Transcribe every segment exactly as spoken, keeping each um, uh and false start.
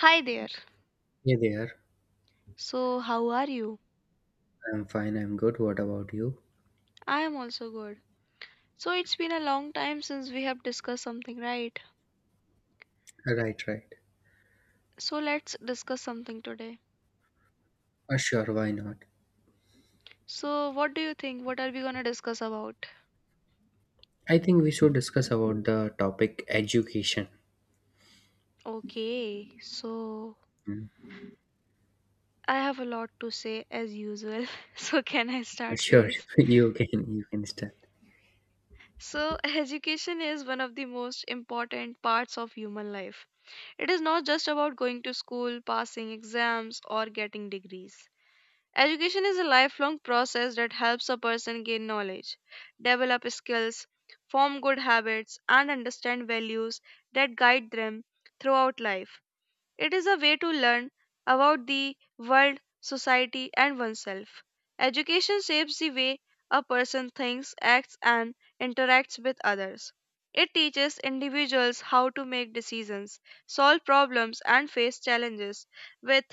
Hi there. Hey there. So, how are you? I'm fine, I'm good. What about you? I am also good. So, it's been a long time since we have discussed something, right? Right, right. So, let's discuss something today. Uh, sure, why not? So, what do you think? What are we gonna discuss about? I think we should discuss about the topic education. Okay, so Mm. I have a lot to say as usual. So, can I Uh, start, Sure, please? you can you can start. So, education is one of the most important parts of human life. It is not just about going to school, passing exams, or getting degrees. Education is a lifelong process that helps a person gain knowledge, develop skills, form good habits, and understand values that guide them throughout life. It is a way to learn about the world, society, and oneself. Education shapes the way a person thinks, acts, and interacts with others. It teaches individuals how to make decisions, solve problems, and face challenges with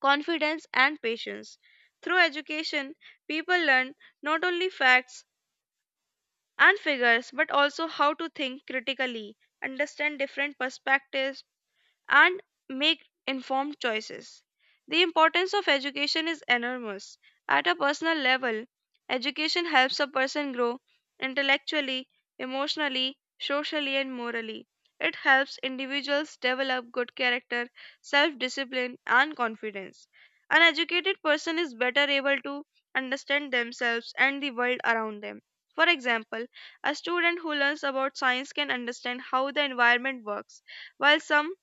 confidence, and patience. Through education, people learn not only facts and figures but also how to think critically, understand different perspectives, and make informed choices. The importance of education is enormous. At a personal level, education helps a person grow intellectually, emotionally, socially, and morally. It helps individuals develop good character, self discipline, and confidence. An educated person is better able to understand themselves and the world around them. For example, a student who learns about science can understand how the environment works, while some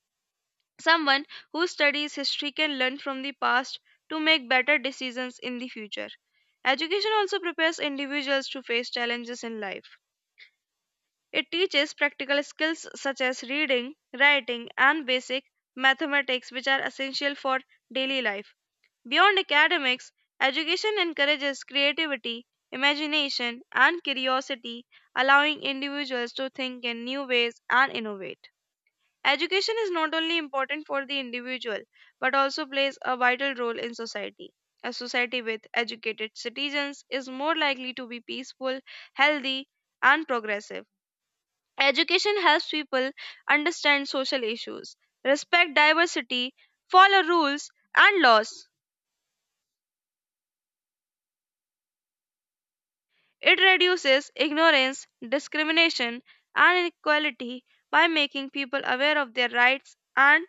Someone who studies history can learn from the past to make better decisions in the future. Education also prepares individuals to face challenges in life. It teaches practical skills such as reading, writing, and basic mathematics, which are essential for daily life. Beyond academics, education encourages creativity, imagination, and curiosity, allowing individuals to think in new ways and innovate. Education is not only important for the individual but also plays a vital role in society. A society with educated citizens is more likely to be peaceful, healthy, and progressive. Education helps people understand social issues, respect diversity, follow rules and laws. It reduces ignorance, discrimination, and inequality by making people aware of their rights and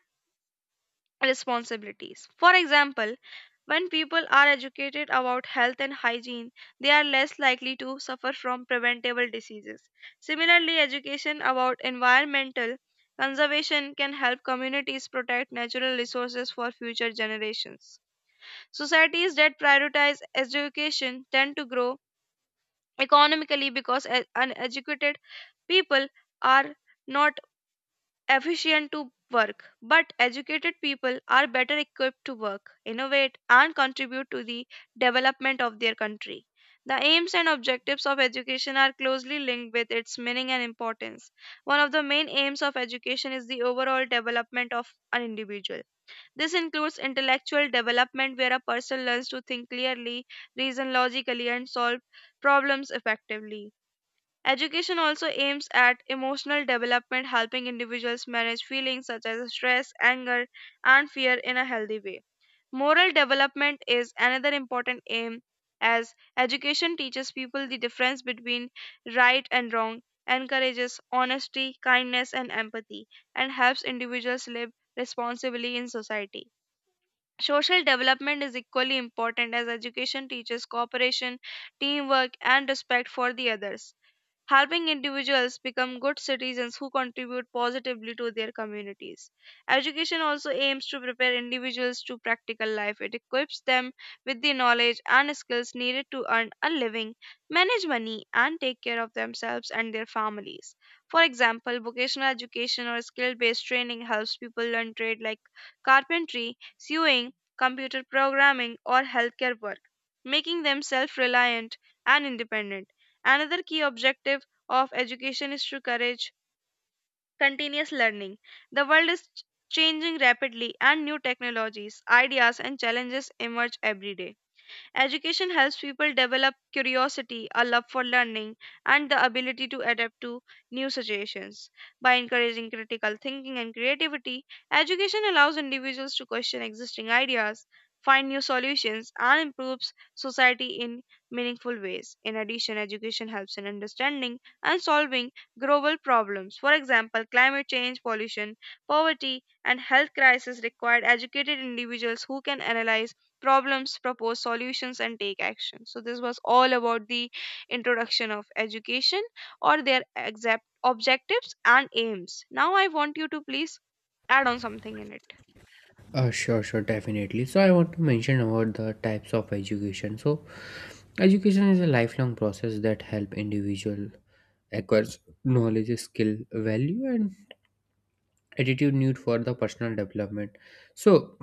responsibilities. For example, when people are educated about health and hygiene, they are less likely to suffer from preventable diseases. Similarly, education about environmental conservation can help communities protect natural resources for future generations. Societies that prioritize education tend to grow economically because e- uneducated people are not efficient to work, but educated people are better equipped to work, innovate, and contribute to the development of their country. The aims and objectives of education are closely linked with its meaning and importance. One of the main aims of education is the overall development of an individual. This includes intellectual development, where a person learns to think clearly, reason logically, and solve problems effectively. Education also aims at emotional development, helping individuals manage feelings such as stress, anger, and fear in a healthy way. Moral development is another important aim, as education teaches people the difference between right and wrong, encourages honesty, kindness, and empathy, and helps individuals live responsibly in society. Social development is equally important as education teaches cooperation, teamwork, and respect for the others, helping individuals become good citizens who contribute positively to their communities. Education also aims to prepare individuals to practical life. It equips them with the knowledge and skills needed to earn a living, manage money, and take care of themselves and their families. For example, vocational education or skill based training helps people learn trades like carpentry, sewing, computer programming, or healthcare work, making them self reliant and independent. Another key objective of education is to encourage continuous learning. The world is ch- changing rapidly, and new technologies, ideas, and challenges emerge every day. Education helps people develop curiosity, a love for learning, and the ability to adapt to new situations. By encouraging critical thinking and creativity, education allows individuals to question existing ideas, find new solutions, and improves society in meaningful ways. In addition, education helps in understanding and solving global problems. For example, climate change, pollution, poverty, and health crisis required educated individuals who can analyze problems, propose solutions, and take action. So, this was all about the introduction of education or their exact objectives and aims. Now, I want you to please add on something in it. Uh, sure, sure, definitely. So I want to mention about the types of education. So education is a lifelong process that help individual acquires knowledge, skill, value, and attitude need for the personal development. So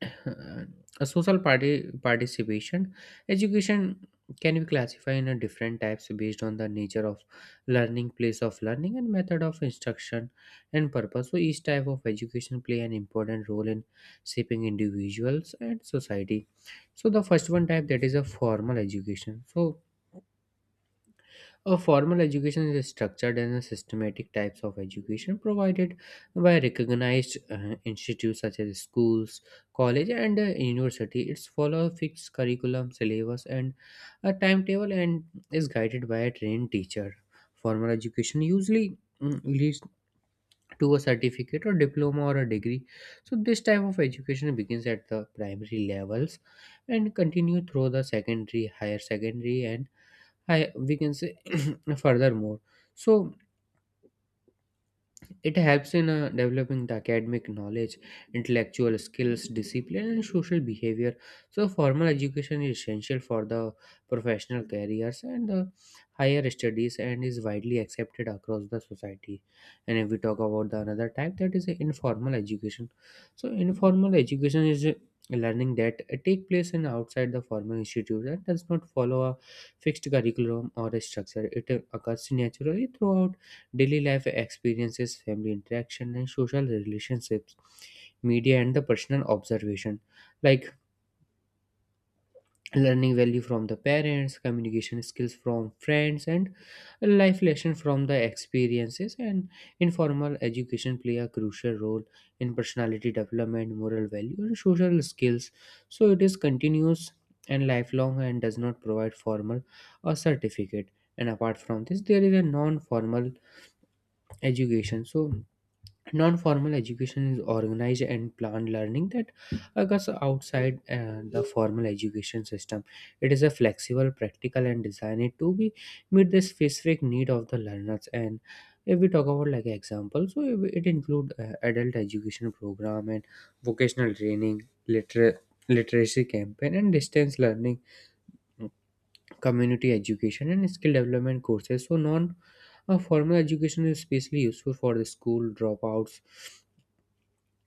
a social party participation education can be classified in a different types based on the nature of learning, place of learning, and method of instruction and purpose. So each type of education play an important role in shaping individuals and society. So the first one type, that is a formal education. So a formal education is structured in systematic types of education provided by recognized uh, institutes such as schools, college, and uh, university. It's follow a fixed curriculum, syllabus, and a timetable, and is guided by a trained teacher. Formal education usually mm, leads to a certificate or diploma or a degree. So this type of education begins at the primary levels and continue through the secondary, higher secondary, and I we can say furthermore. So it helps in uh, developing the academic knowledge, intellectual skills, discipline, and social behavior. So, formal education is essential for the professional careers and the higher studies and is widely accepted across the society. And if we talk about the another type, that is informal education. So, informal education is uh, learning that take place in outside the formal institute and does not follow a fixed curriculum or a structure. It uh, occurs naturally throughout daily life experiences, family interaction, and social relationships, media, and the personal observation, like learning value from the parents, communication skills from friends, and life lesson from the experiences. And informal education play a crucial role in personality development, moral value, and social skills. So it is continuous and lifelong, and does not provide formal or certificate. And apart from this, there is a non-formal education. So non-formal education is organized and planned learning that occurs outside uh, the formal education system. It is a flexible, practical, and designed to be meet the specific need of the learners. And if we talk about like example, so it it include uh, adult education program and vocational training, liter- literacy campaign and distance learning, community education and skill development courses. So non uh, formal education is especially useful for the school dropouts,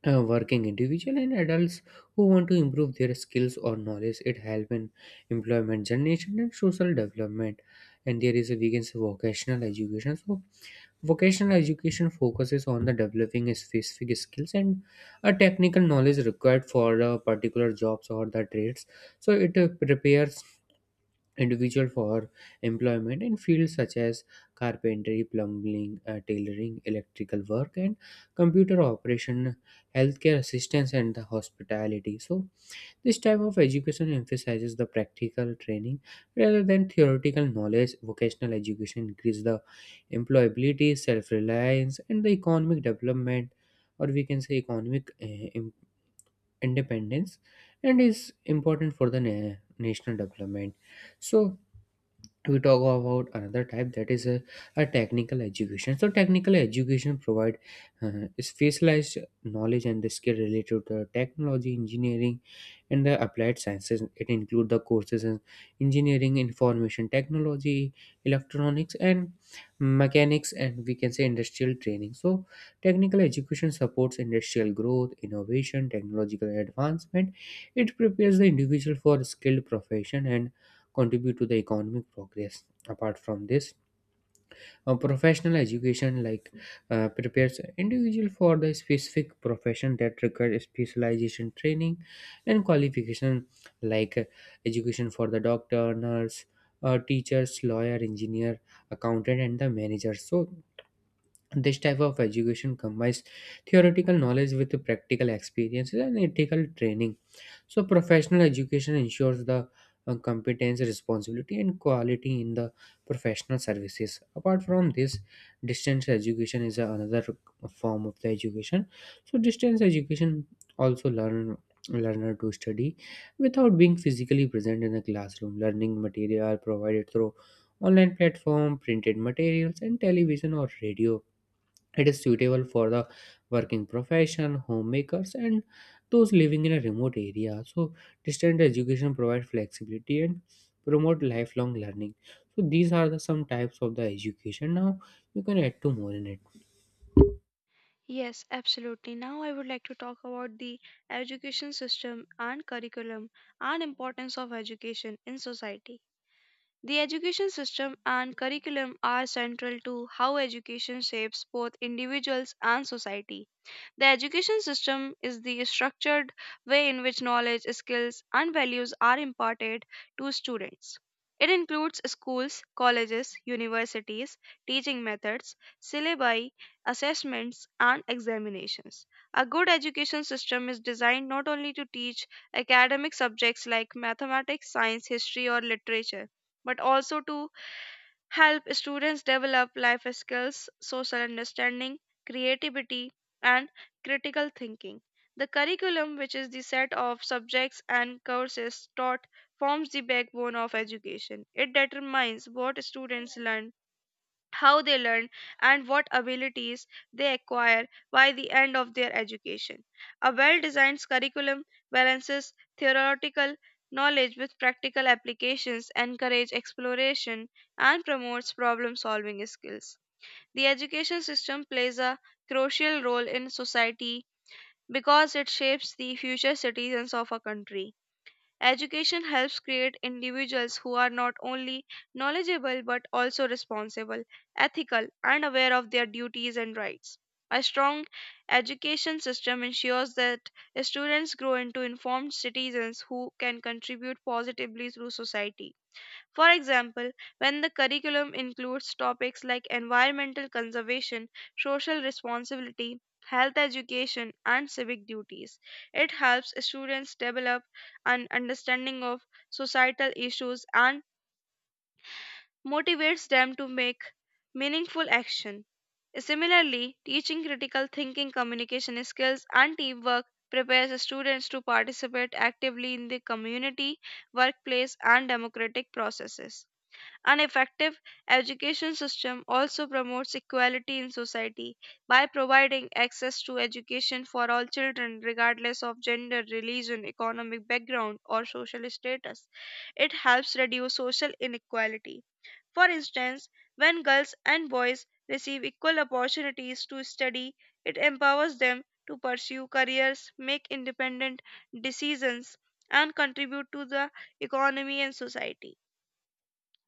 uh, working individual and adults who want to improve their skills or knowledge. It helps in employment generation and social development. And there is a, we can say, vocational education. So vocational education focuses on the developing specific skills and a technical knowledge required for uh, particular jobs or the trades. So it uh, prepares individual for employment in fields such as carpentry, plumbing, uh, tailoring, electrical work, and computer operation, healthcare assistance, and the hospitality. So, this type of education emphasizes the practical training rather than theoretical knowledge. Vocational education increases the employability, self-reliance, and the economic development, or we can say economic uh, im- independence, and is important for the na- national development. So we talk about another type, that is a, a technical education. So technical education provide uh, specialized knowledge and the skill related to technology, engineering, and the applied sciences. It include the courses in engineering, information technology, electronics, and mechanics, and we can say industrial training. So technical education supports industrial growth, innovation, technological advancement. It prepares the individual for skilled profession and contribute to the economic progress. Apart from this, a professional education, like uh, prepares individual for the specific profession that requires specialization training and qualification, like uh, education for the doctor, nurse, uh, teachers, lawyer, engineer, accountant, and the manager. So this type of education combines theoretical knowledge with the practical experiences and ethical training. So, professional education ensures the uh, competence, responsibility, and quality in the professional services. Apart from this, distance education is another form of the education. So, distance education also learn learner to study without being physically present in the classroom. Learning material are provided through online platform, printed materials, and television or radio. It is suitable for the working profession, homemakers, and those living in a remote area. So, distant education provides flexibility and promote lifelong learning. So, these are the some types of the education. Now, you can add two more in it. Yes, absolutely. Now I would like to talk about the education system and curriculum and importance of education in society. The education system and curriculum are central to how education shapes both individuals and society. The education system is the structured way in which knowledge, skills, and values are imparted to students. It includes schools, colleges, universities, teaching methods, syllabi, assessments, and examinations. A good education system is designed not only to teach academic subjects like mathematics, science, history, or literature, but also to help students develop life skills, social understanding, creativity, and critical thinking. The curriculum, which is the set of subjects and courses taught, forms the backbone of education. It determines what students learn, how they learn, and what abilities they acquire by the end of their education. A well designed curriculum balances theoretical knowledge with practical applications, encourages exploration, and promotes problem solving skills. The education system plays a crucial role in society because it shapes the future citizens of a country. Education helps create individuals who are not only knowledgeable but also responsible, ethical, and aware of their duties and rights. A strong education system ensures that students grow into informed citizens who can contribute positively through society. For example, when the curriculum includes topics like environmental conservation, social responsibility, health education, and civic duties, it helps students develop an understanding of societal issues and motivates them to make meaningful action. Similarly, teaching critical thinking, communication skills, and teamwork prepares students to participate actively in the community, workplace, and democratic processes. An effective education system also promotes equality in society by providing access to education for all children, regardless of gender, religion, economic background, or social status. It helps reduce social inequality. For instance, when girls and boys receive equal opportunities to study, it empowers them to pursue careers, make independent decisions, and contribute to the economy and society.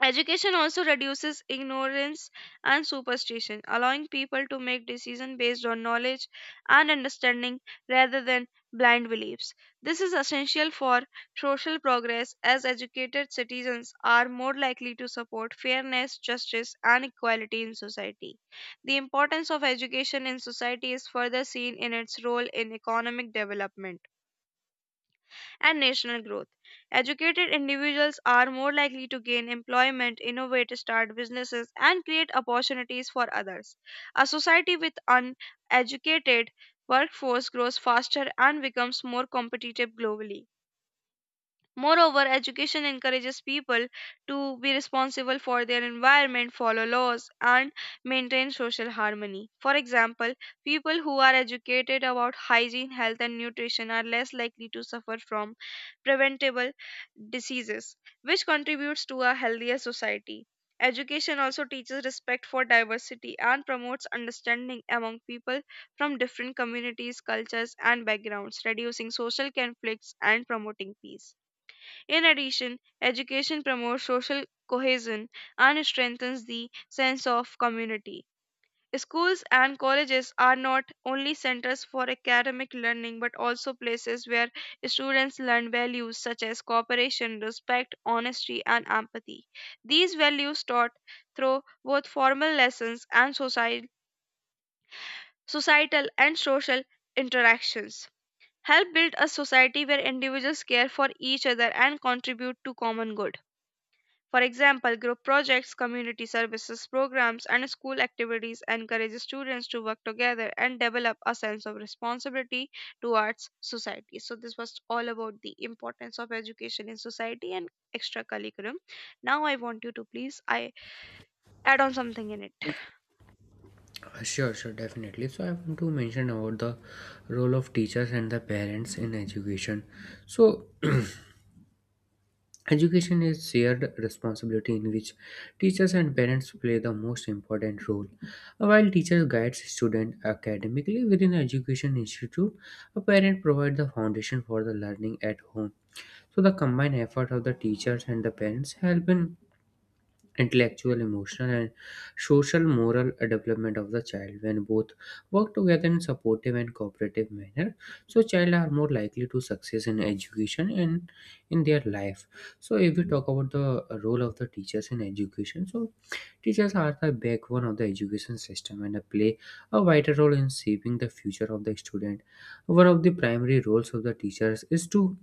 Education also reduces ignorance and superstition, allowing people to make decisions based on knowledge and understanding rather than blind beliefs. This is essential for social progress, as educated citizens are more likely to support fairness, justice, and equality in society. The importance of education in society is further seen in its role in economic development and national growth. Educated individuals are more likely to gain employment, innovate, start businesses, and create opportunities for others. A society with uneducated workforce grows faster and becomes more competitive globally. Moreover, education encourages people to be responsible for their environment, follow laws, and maintain social harmony. For example, people who are educated about hygiene, health, and nutrition are less likely to suffer from preventable diseases, which contributes to a healthier society. Education also teaches respect for diversity and promotes understanding among people from different communities, cultures, and backgrounds, reducing social conflicts and promoting peace. In addition, education promotes social cohesion and strengthens the sense of community. Schools and colleges are not only centers for academic learning but also places where students learn values such as cooperation, respect, honesty, and empathy. These values taught through both formal lessons and society, societal and social interactions help build a society where individuals care for each other and contribute to common good. For example, group projects, community services programs, and school activities encourage students to work together and develop a sense of responsibility towards society. So, this was all about the importance of education in society and extracurriculum. Now, I want you to please I add on something in it. Sure, sure, definitely. So, I want to mention about the role of teachers and the parents in education. So, education is shared responsibility in which teachers and parents play the most important role. While teachers guide students academically within an education institute, a parent provides the foundation for the learning at home. So the combined effort of the teachers and the parents help in intellectual, emotional, and social moral development of the child. When both work together in supportive and cooperative manner, so child are more likely to success in education and in their life. So if we talk about the role of the teachers in education, so teachers are the backbone of the education system and they play a vital role in shaping the future of the student. One of the primary roles of the teachers is to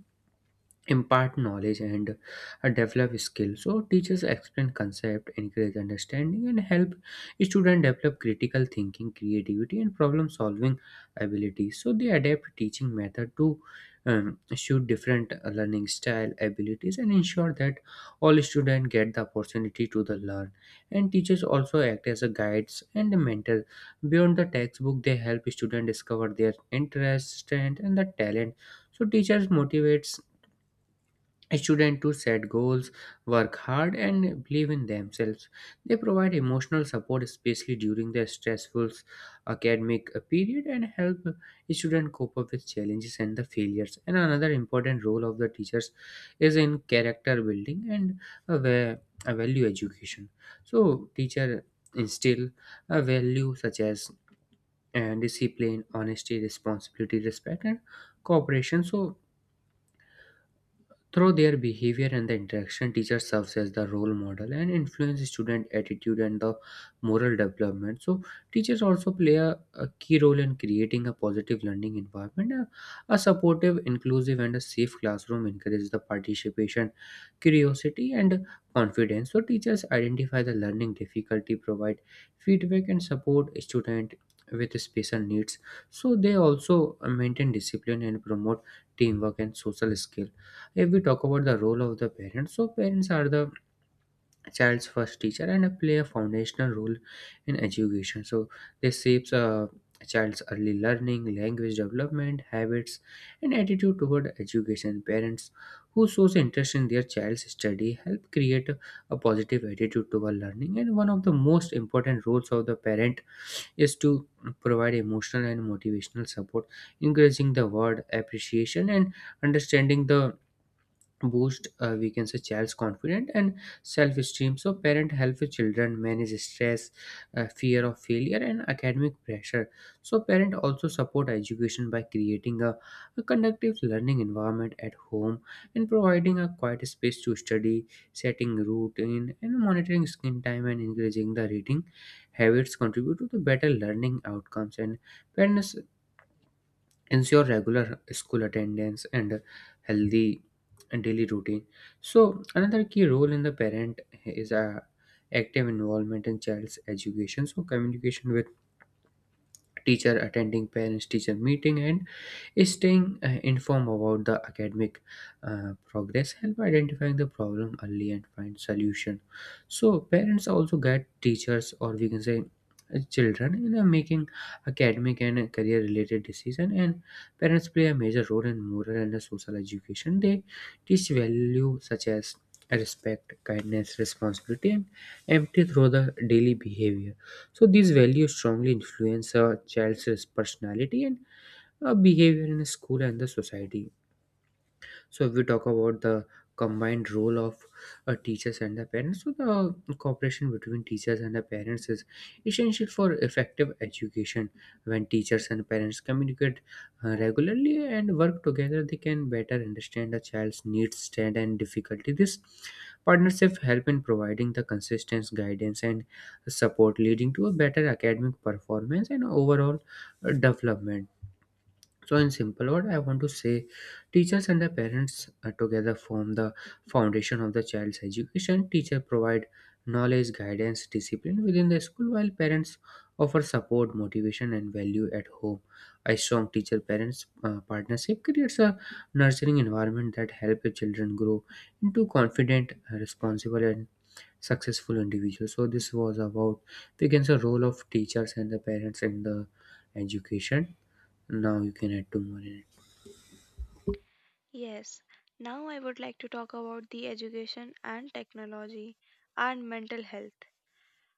impart knowledge and uh, develop skills. So teachers explain concept, encourage understanding, and help students develop critical thinking, creativity, and problem solving abilities. So they adapt teaching method to um, suit different uh, learning style abilities and ensure that all students get the opportunity to the learn. And teachers also act as a guides and a mentor beyond the textbook. They help students discover their interests, strength, and the talent. So teachers motivates students to set goals, work hard, and believe in themselves. They provide emotional support, especially during the stressful academic uh, period, and help students cope up with challenges and the failures. And another important role of the teachers is in character building and a va- a value education. So, teacher instill a value such as uh, discipline, honesty, responsibility, respect, and cooperation. So through their behavior and the interaction, teacher serves as the role model and influence student attitude and the moral development. So, teachers also play a, a key role in creating a positive learning environment. A, a supportive, inclusive, and a safe classroom encourages the participation, curiosity, and confidence. So, teachers identify the learning difficulty, provide feedback, and support student with special needs. So, they also maintain discipline and promote teamwork and social skill. If we talk about the role of the parents, so parents are the child's first teacher and play a foundational role in education. So they shapes a child's early learning, language development, habits, and attitude toward education. Parents who shows interest in their child's study help create a positive attitude toward learning. And one of the most important roles of the parent is to provide emotional and motivational support. Encouraging the word appreciation and understanding the boost, uh, we can say, child's confidence and self-esteem. So parent help the children manage stress, uh, fear of failure, and academic pressure. So parent also support education by creating a, a conductive learning environment at home, and providing a quiet space to study, setting routine and monitoring screen time, and encouraging the reading habits contribute to the better learning outcomes. And parents ensure regular school attendance and healthy daily routine. So another key role in the parent is a active involvement in child's education. So communication with teacher, attending parents teacher meeting, and staying uh, informed about the academic uh, progress help identifying the problem early and find solution. So parents also guide teachers, or we can say uh, children, in uh, making academic and career related decision. And parents play a major role in moral and uh, social education. They teach value such as respect, kindness, responsibility, and empathy through the daily behavior. So these values strongly influence a child's personality and uh, behavior in school and the society. So if we talk about the combined role of uh, teachers and the parents, so the cooperation between teachers and the parents is essential for effective education. When teachers and parents communicate uh, regularly and work together, they can better understand a child's needs, strength, and difficulty. This partnership help in providing the consistent guidance and support, leading to a better academic performance and overall uh, development. So, in simple word, I want to say teachers and the parents uh, together form the foundation of the child's education. Teacher provide knowledge, guidance, discipline within the school, while parents offer support, motivation, and value at home. A strong teacher parents uh, partnership creates a nurturing environment that helps children grow into confident, uh, responsible, and successful individuals. So, this was about, we can say, role of teachers and the parents in the education. Now you can add two more in it. Yes, now I would like to talk about the education and technology and mental health.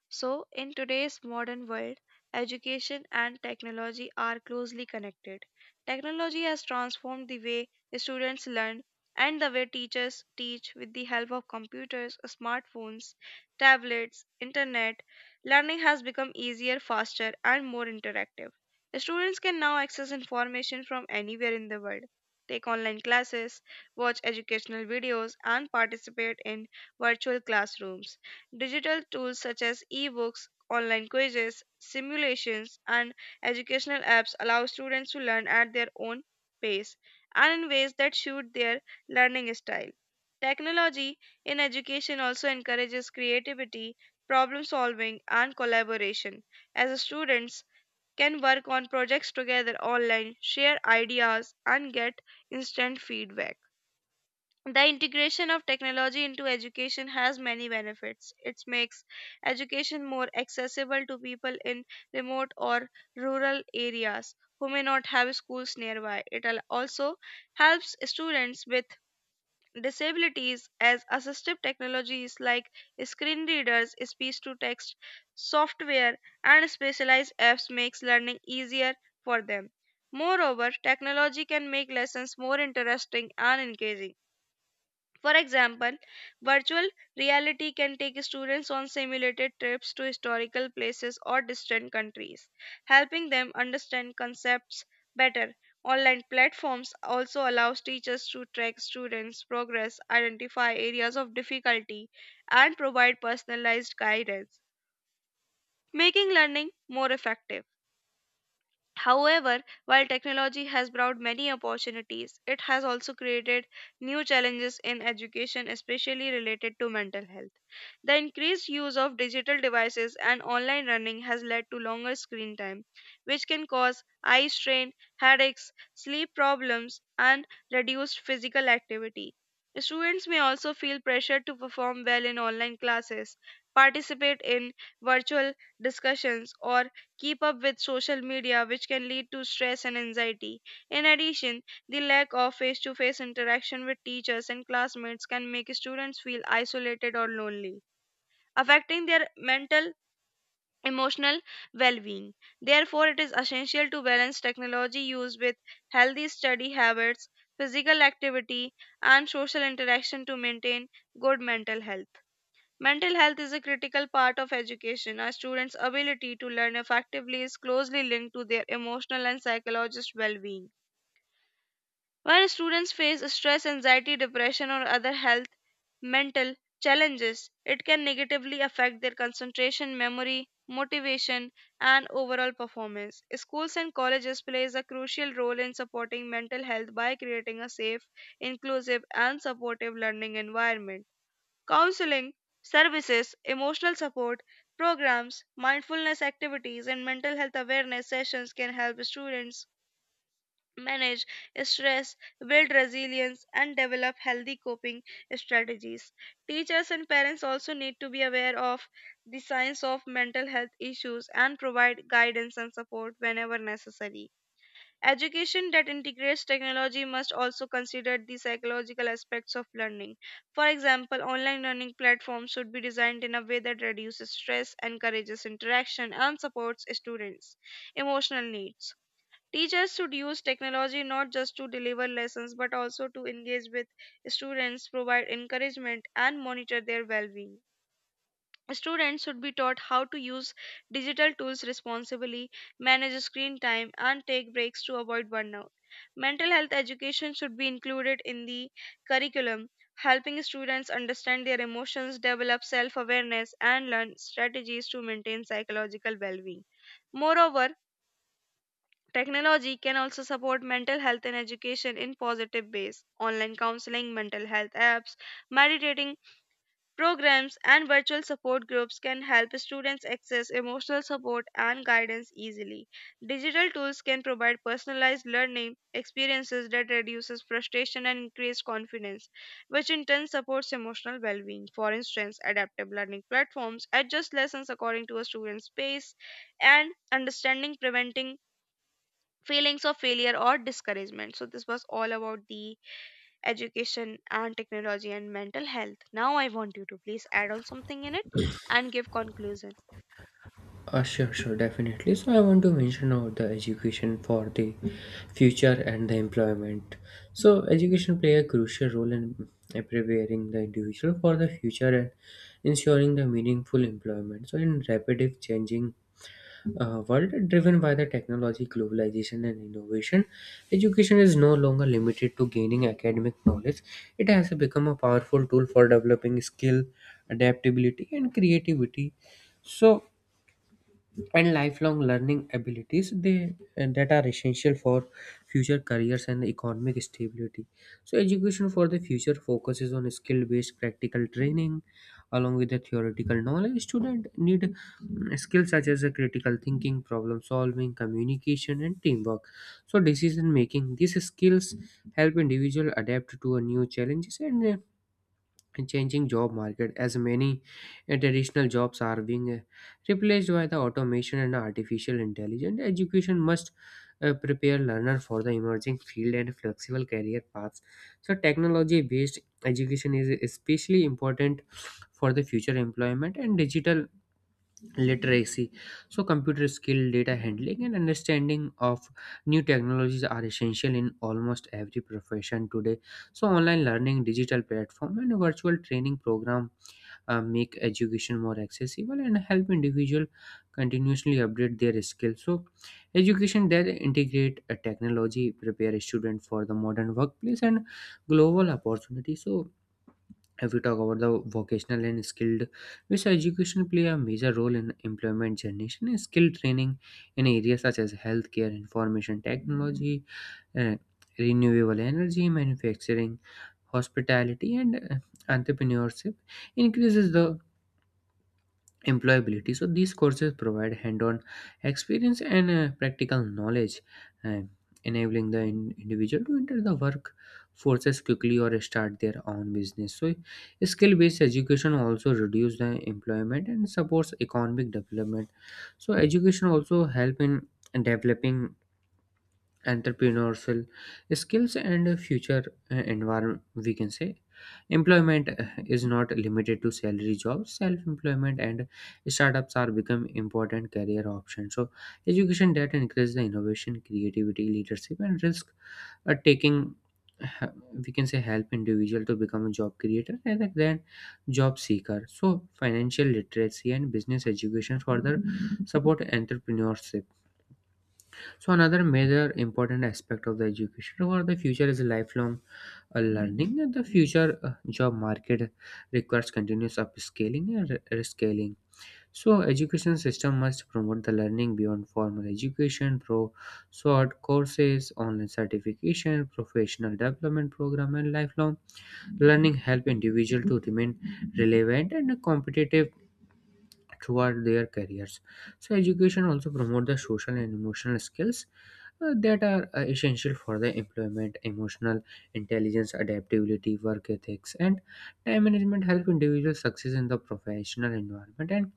So, in today's modern world, education and technology are closely connected. Technology has transformed the way students learn and the way teachers teach, with the help of computers, smartphones, tablets, internet. Learning has become easier, faster, and more interactive. Students can now access information from anywhere in the world, take online classes, watch educational videos, and participate in virtual classrooms. Digital tools such as ebooks, online quizzes, simulations, and educational apps allow students to learn at their own pace and in ways that suit their learning style. Technology in education also encourages creativity, problem solving, and collaboration, as students can work on projects together online, share ideas, and get instant feedback. The integration of technology into education has many benefits. It makes education more accessible to people in remote or rural areas who may not have schools nearby. It al- also helps students with disabilities, as assistive technologies like screen readers, speech to text software, and specialized apps makes learning easier for them. Moreover, technology can make lessons more interesting and engaging. For example, virtual reality can take students on simulated trips to historical places or distant countries, helping them understand concepts better. Online platforms also allows teachers to track students' progress, identify areas of difficulty, and provide personalized guidance, making learning more effective. However, while technology has brought many opportunities, it has also created new challenges in education, especially related to mental health. The increased use of digital devices and online learning has led to longer screen time, which can cause eye strain, headaches, sleep problems, and reduced physical activity. Students may also feel pressure to perform well in online classes, participate in virtual discussions, or keep up with social media, which can lead to stress and anxiety. In addition, the lack of face to face interaction with teachers and classmates can make students feel isolated or lonely, affecting their mental emotional well-being. Therefore, it is essential to balance technology use with healthy study habits, physical activity, and social interaction to maintain good mental health. Mental health is a critical part of education. A student's ability to learn effectively is closely linked to their emotional and psychologist well being. When students face stress, anxiety, depression, or other health mental challenges, it can negatively affect their concentration, memory, motivation, and overall performance. Schools and colleges plays a crucial role in supporting mental health by creating a safe, inclusive, and supportive learning environment. Counseling services, emotional support programs, mindfulness activities, and mental health awareness sessions can help students manage stress, build resilience, and develop healthy coping strategies. Teachers and parents also need to be aware of the signs of mental health issues and provide guidance and support whenever necessary. Education that integrates technology must also consider the psychological aspects of learning. For example, online learning platforms should be designed in a way that reduces stress, encourages interaction, and supports students' emotional needs. Teachers should use technology not just to deliver lessons but also to engage with students, provide encouragement, and monitor their well being. Students should be taught how to use digital tools responsibly, manage screen time, and take breaks to avoid burnout. Mental health education should be included in the curriculum, helping students understand their emotions, develop self awareness, and learn strategies to maintain psychological well being. Moreover, technology can also support mental health and education in positive ways. Online counseling, mental health apps, meditating programs, and virtual support groups can help students access emotional support and guidance easily. Digital tools can provide personalized learning experiences that reduces frustration and increase confidence, which in turn supports emotional well-being. For instance, adaptive learning platforms adjust lessons according to a student's pace and understanding, preventing feelings of failure or discouragement. So this was all about the education and technology and mental health. Now I want you to please add on something in it and give conclusion. Uh, sure, sure, definitely. So I want to mention about the education for the future and the employment. So education play a crucial role in preparing the individual for the future and ensuring the meaningful employment. So in rapidly changing A world driven by the technology, globalization, and innovation, education is no longer limited to gaining academic knowledge. It has become a powerful tool for developing skill, adaptability, and creativity. So, and lifelong learning abilities they and that are essential for future careers and economic stability, so education for the future focuses on skill based practical training along with the theoretical knowledge student need mm, skills such as uh, critical thinking, problem solving, communication, and teamwork, so decision making these skills help individual adapt to a new challenges and uh, and changing job market as many uh, traditional jobs are being uh, replaced by the automation and artificial intelligence. Education must uh, prepare learner for the emerging field and flexible career paths, so technology based education is especially important for the future employment and digital literacy. So computer skill, data handling, and understanding of new technologies are essential in almost every profession today. So online learning, digital platform, and virtual training program uh, make education more accessible and help individual continuously update their skills, so education that integrate a technology prepare a student for the modern workplace and global opportunity. So if we talk about the vocational and skilled, which education play a major role in employment generation and skill training in areas such as healthcare, information technology, uh, renewable energy, manufacturing, hospitality, and uh, entrepreneurship, increases the employability. So these courses provide hand-on experience and uh, practical knowledge, uh, enabling the in- individual to enter the workforces quickly or start their own business, so skill-based education also reduces the employment and supports economic development. So education also help in developing entrepreneurial skills and future uh, environment, we can say employment uh, is not limited to salary jobs. Self-employment and startups are become important career options, so education that encourages the innovation, creativity, leadership, and risk uh, taking, uh, we can say, help individual to become a job creator rather than job seeker. So financial literacy and business education further support entrepreneurship. So another major important aspect of the education for the future is lifelong uh, learning. And the future uh, job market requires continuous upscaling and re- rescaling. So education system must promote the learning beyond formal education through short courses, online certification, professional development program, and lifelong learning help individual to remain relevant and competitive toward their careers. So education also promote the social and emotional skills uh, that are uh, essential for the employment, emotional intelligence, adaptability, work ethics, and time management help individuals success in the professional environment. And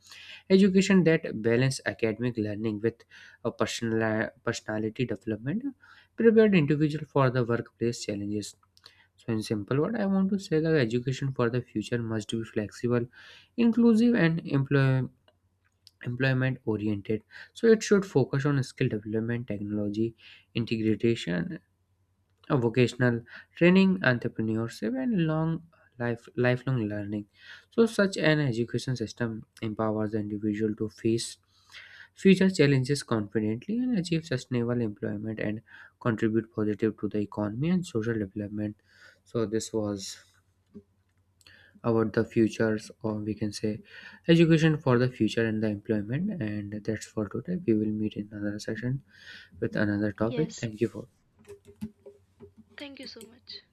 education that balance academic learning with a personal personality development uh, prepared individual for the workplace challenges. So in simple word, I want to say that education for the future must be flexible, inclusive, and employ employment oriented, so it should focus on skill development, technology integration, uh, vocational training, entrepreneurship, and long life lifelong learning. So such an education system empowers the individual to face future challenges confidently and achieve sustainable employment and contribute positive to the economy and social development. So this was about the futures, or we can say education for the future and the employment, and that's for today. We will meet in another session with another topic. Yes. Thank you for Thank you so much.